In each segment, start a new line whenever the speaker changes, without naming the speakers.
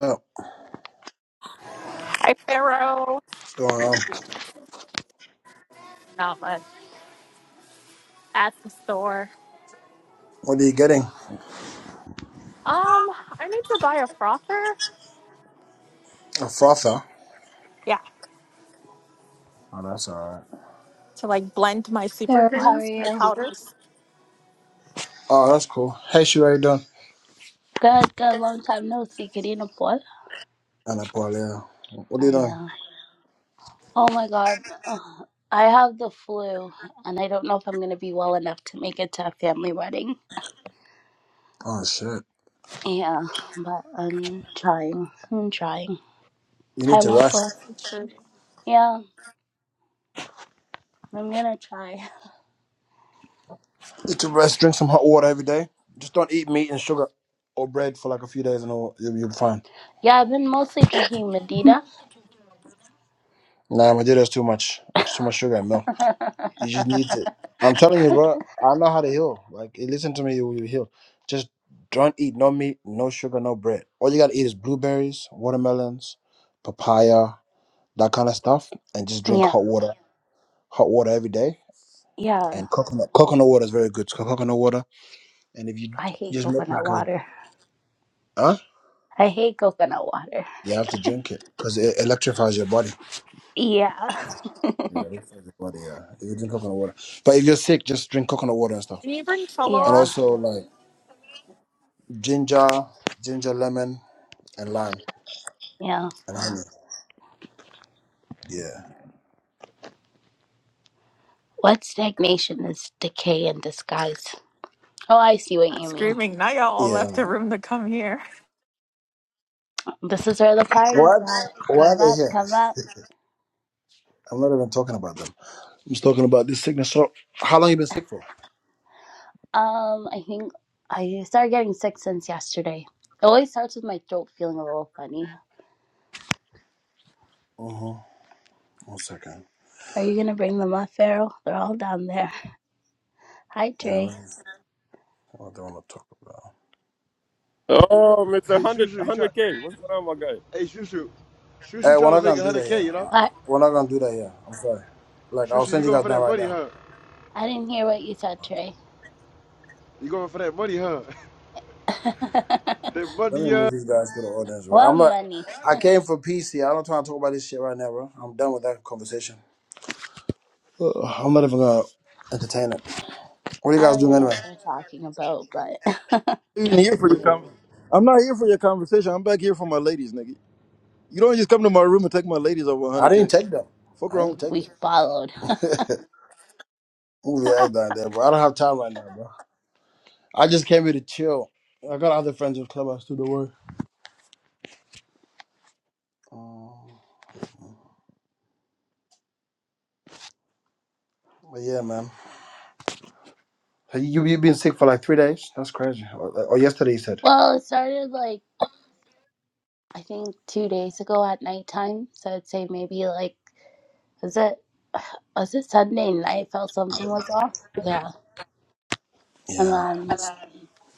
Oh,
Hi, Pharaoh.
what's going on?
Not much. At the store.
What are you getting?
Um, I need to buy a frother.
A frother.
Yeah.
Oh, that's alright.
To like blend my super
Pharaoh, how are
greens, my
you?
powders.
Oh, that's cool. Hey, Shu, how you doing?
Good, good. Long time no see. Querida Paul.
And a polio. What are you doing?
Yeah. Oh my God. Ugh. I have the flu, and I don't know if I'm going to be well enough to make it to a family wedding.
Oh, shit.
Yeah, but I'm trying. I'm trying.
You need
Hi,
to rest.
Waffles.
It should-
Yeah, I'm going to try.
You need to rest. Drink some hot water every day. Just don't eat meat and sugar or bread for like a few days and all. You'll, you'll be fine.
Yeah, I've been mostly drinking Medita.
Nah, my dear, there's too much. It's too much sugar and milk. You just need to. I'm telling you, bro. I know how to heal. Like, you listen to me, you will heal. Just don't eat no meat, no sugar, no bread. All you gotta eat is blueberries, watermelons, papaya that kind of stuff, and just drink
yeah,
hot water, hot water every day.
yeah.
And coconut coconut water is very good. Co- Coconut water, and if you
I
d-
hate
just make
coconut
like a
water.
huh,
I hate coconut water.
you have to drink it because it electrifies your body.
Yeah,
Yeah, it electrifies your body. Yeah, if you drink coconut water. But if you're sick, just drink coconut water and stuff.
Can you bring Cholo
And
up?
yeah,
also like ginger, ginger, lemon, and lime
yeah.
and honey. Yeah,
What stagnation is decay in disguise? Oh, I see what
Not
you mean.
screaming. Now y'all all
yeah.
left the
man.
room to come here.
This is where the
Why?
party's at.
Why are
Come
they
up,
here?
come up.
I'm not even talking about them. I'm just talking about this sickness. So, how long you been sick for?
Um, I think I started getting sick since yesterday. It always starts with my throat feeling a little funny.
Uh huh. One second.
Are you gonna bring them up, Pharaoh? They're all down there. Hi, Trey.
Yeah. What they want to talk about?
Oh, Mr.
Hey,
100,
Shushu, you try.
100K. What's going on, my guy?
Hey, Shushu,
Hey,
Shushu
we're
trying to
not
make
gonna do that
100k,
here.
you know?
Uh,
What?
We're not gonna do that here. I'm sorry. Like I'll
Shushu, you
send you
going
guys
for
down
that
right
money,
now.
huh?
I didn't hear what you said,
Okay.
Trey.
You going for that money, huh? that
Let me
money, uh.
move these guys to the audience, bro. I'm
well,
not.
money.
I came for peace here. I don't try to talk about this shit right now, bro. I'm done with that conversation. Ugh, I'm not even gonna entertain it. What are you
I
guys
don't
doing
even know
anyway?
what they're talking about, but
I'm not even here for your con- I'm not here for your conversation. I'm back here for my ladies, nigga. You don't just come to my room and take my ladies over
I didn't
100k.
take them.
Fuck
I didn't
wrong.
take them.
we followed.
Move your ass down there, bro. I don't have time right now, bro. I just came here to chill. I got other friends in clubhouse to the work. Um, but yeah, man. Hey, You you been sick for like three days? That's crazy. Or, or yesterday, you said.
Well, it started like I think two days ago at nighttime. So I'd say maybe like was it was it Sunday night? Felt something was off. Yeah, and
Yeah.
then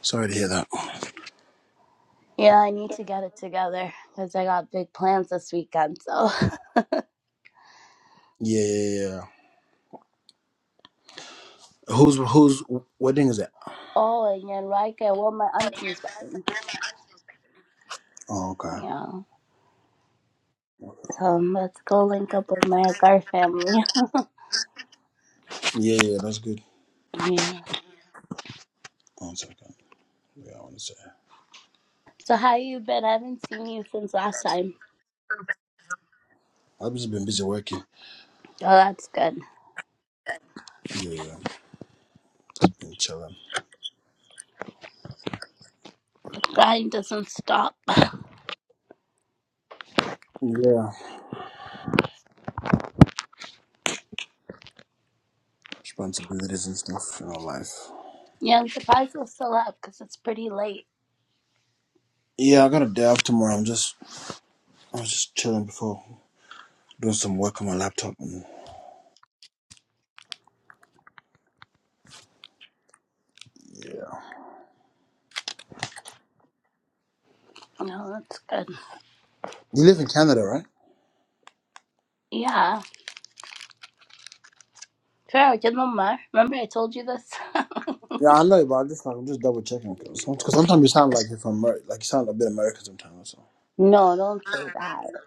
Sorry to hear that.
yeah, I need to get it together because I got big plans this weekend. So
Yeah, yeah, yeah. Who's who's wedding is it?
oh, and then right, I wore my auntie's wedding.
Oh, okay.
Yeah, so um, let's go link up with my Agar family.
Yeah, yeah, that's good.
yeah.
One second. Yeah, I want to say.
So how you been? I haven't seen you since last time.
I've just been busy working.
Oh, that's good.
Yeah, yeah. Just been chilling.
Grind doesn't stop.
Yeah. Responsibilities and stuff in our life.
Yeah, I'm surprised we're still up because it's pretty late.
Yeah, I got a day off tomorrow. I'm just I was just chilling before doing some work on my laptop and yeah.
No, that's good.
You live in Canada, right?
Yeah. Pharaoh, get them mar- Remember I told you this?
Yeah, I know, but I am just like I'm just double checking because sometimes you sound like you're from Amer- like you sound a bit American sometimes. So
no, don't say that.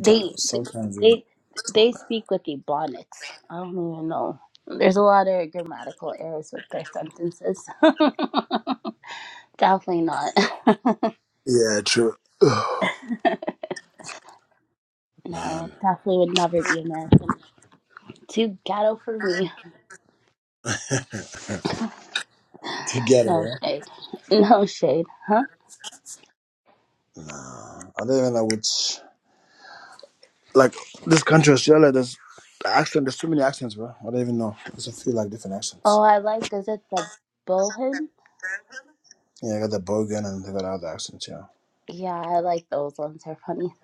They
sometimes you
they
talk.
they speak with ebonics. I don't even know. There's a lot of grammatical errors with their sentences. definitely not.
Yeah, true. Ugh,
No,
man,
definitely would never be American. Too ghetto for me. No
together,
shade. No shade, huh?
eh? Nah, I don't even know which. Like this country, Australia, there's the accent. There's too many accents, bro. I don't even know. There's a few like different
Oh,
accents.
I like, is it the bullhead?
Yeah, I got the Bogan and they got other accents. Yeah.
Yeah, I like those ones. They're funny.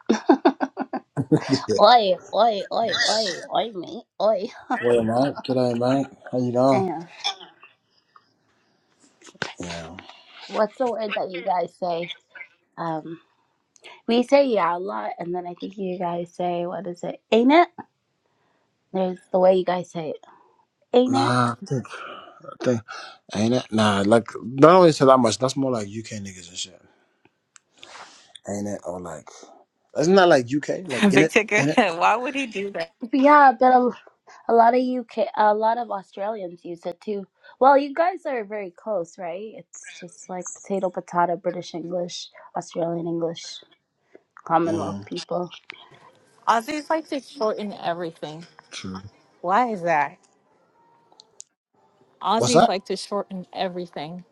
yeah.
Oi, oi, oi, oi, oi, mate, oi.
Well, mate, g'day, mate. How you going?
Yeah.
Yeah.
what's the word that you guys say? Um, we say yeah a lot, and then I think you guys say what is it? Ain't it? There's the way you guys say it. Ain't it?
Nah, I think, I think, ain't it? Nah, like not only say that much. That's more like UK niggas and shit. Ain't it? Or like, isn't that like UK? Like in
Big
it,
Ticket,
in it.
why would he do that?
Yeah, but a, a lot of UK, a lot of Australians use it too. Well, you guys are very close, right? It's just like potato, potato, British English, Australian English, Commonwealth
Mm,
people.
Aussies like to shorten everything.
true.
Why is that?
What's
Aussies
that?
like to shorten everything.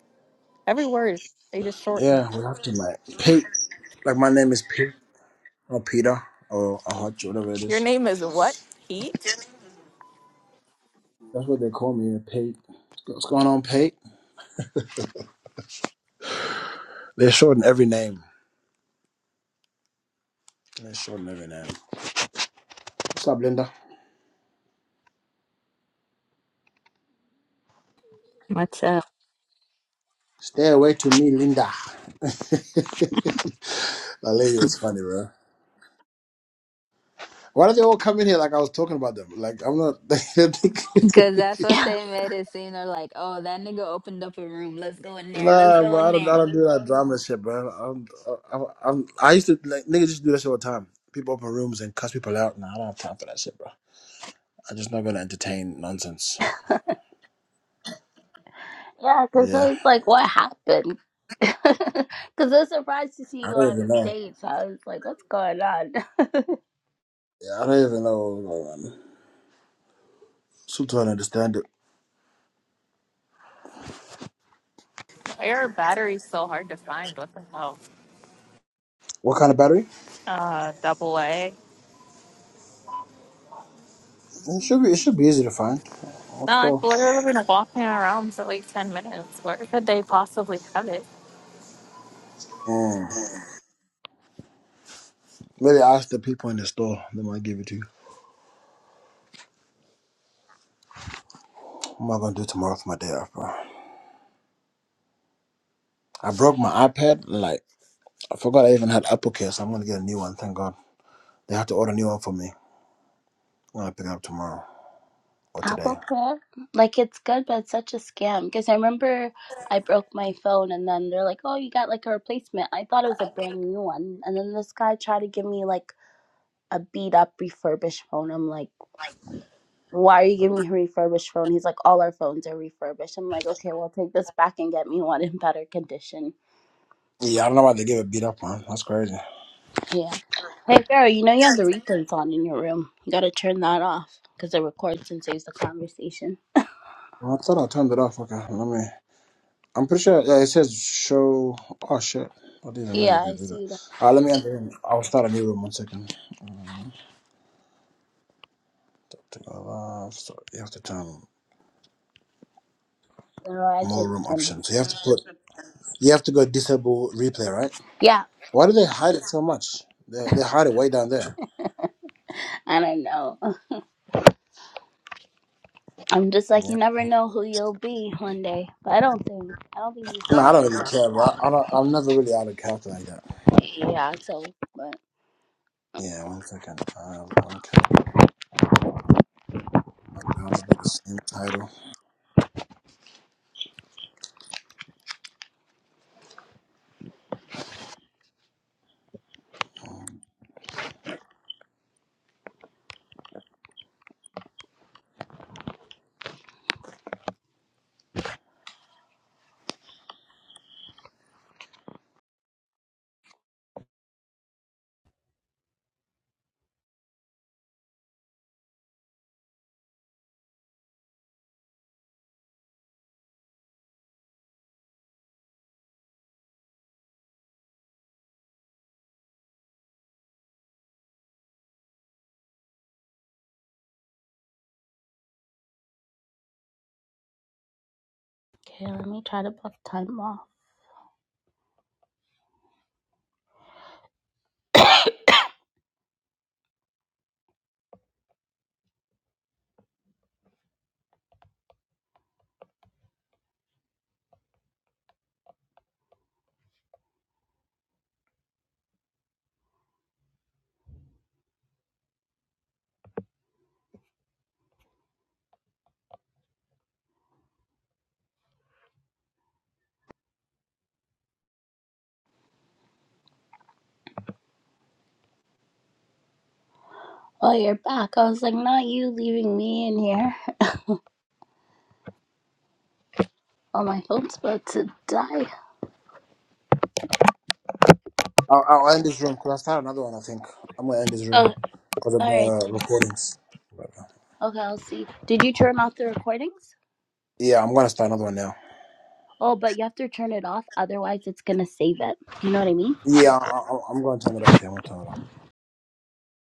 Every word, they just shorten it.
Yeah, we have to like Pete. Like my name is Pete or Peter or Ahoj, whatever it
Your
is.
name is what? Heat?
That's what they call me, Pete. What's going on, Pete? They're shorting every name. They're shorting every name. What's up, Linda?
What's up?
Stay away to me, Linda. that lady was funny, bro. Why did they all come in here like I was talking about them? Like I'm not. They
Because
think.
that's what
Yeah,
they made it seem. They're like, oh, that nigga opened up a room. Let's go in there. Let's
Nah,
go
bro, I
in
don't, I
there.
don't do that drama shit, bro. I'm, I'm, I'm, I used to like niggas just do this all the time. People open rooms and cuss people out. Nah, I don't have time for that shit, bro. I'm just not gonna entertain nonsense.
yeah.
But
Because I
yeah,
was like, what happened? Because I was surprised to see
I
you
don't
on
even know.
stage. So I was like, what's going on?
Yeah, I don't even know. Um, still trying to understand it.
Why are batteries so hard to find? What the hell?
What kind of battery?
uh, double A.
It should be. It should be easy to find.
No,
Let's
like
go.
literally been walking around for like 10 minutes. Where could they possibly have it?
Mm. Maybe ask the people in the store. They might give it to you. What am I gonna do tomorrow for my day off, bro? I broke my iPad. Like I forgot I even had Apple Care, so I'm gonna get a new one. Thank God. They have to order a new one for me. I'll pick it up tomorrow or today.
AppleCare? Like it's good, but it's such a scam. Because I remember I broke my phone, and then they're like, "Oh, you got like a replacement." I thought it was a brand new one, and then this guy tried to give me like a beat up refurbished phone. I'm like, "Why are you giving me a refurbished phone?" He's like, "All our phones are refurbished." I'm like, "Okay, well, take this back and get me one in better condition."
Yeah, I don't know why they gave it beat up, man. That's crazy.
Yeah. Hey, girl, you know you have the replays on in your room. You gotta turn that off because it records and saves the conversation.
Well, I thought I turned it off. Okay, let me. I'm pretty sure. Yeah, it says show. Oh shit! I didn't know you
Yeah, I
could do that.
see that.
Alright, let me enter in. I'll start a new room. One second. Um, allow- so you have to turn
Otherwise,
more
it's
room
gonna.
options. So You have to put. You have to go disable replay, right?
Yeah,
Why do they hide it so much? They they hide it way down there.
I don't know. I'm just like you
Yeah.
never know who you'll be one day. But I don't think I don't think you said
No, I don't
anything
really
wrong
care, bro.
with
I
that.
don't. I'm never really out of character like that.
But yeah, so but
Yeah, one second. I have one Okay, I'll just do the same title. Um,
okay, let me try to block time off. Oh, you're back. I was like, not you leaving me in here. Oh, my phone's about to die.
I'll, I'll end this room because I started another one. I think I'm gonna end this room
Oh,
because of
all right
the
then.
recordings. But, uh,
Okay, I'll see. Did you turn off the recordings?
yeah, I'm gonna start another one now.
Oh, but you have to turn it off, otherwise it's gonna save it. You know what I mean?
Yeah, I, I, I'm gonna turn it off. Yeah, I'm gonna turn it off.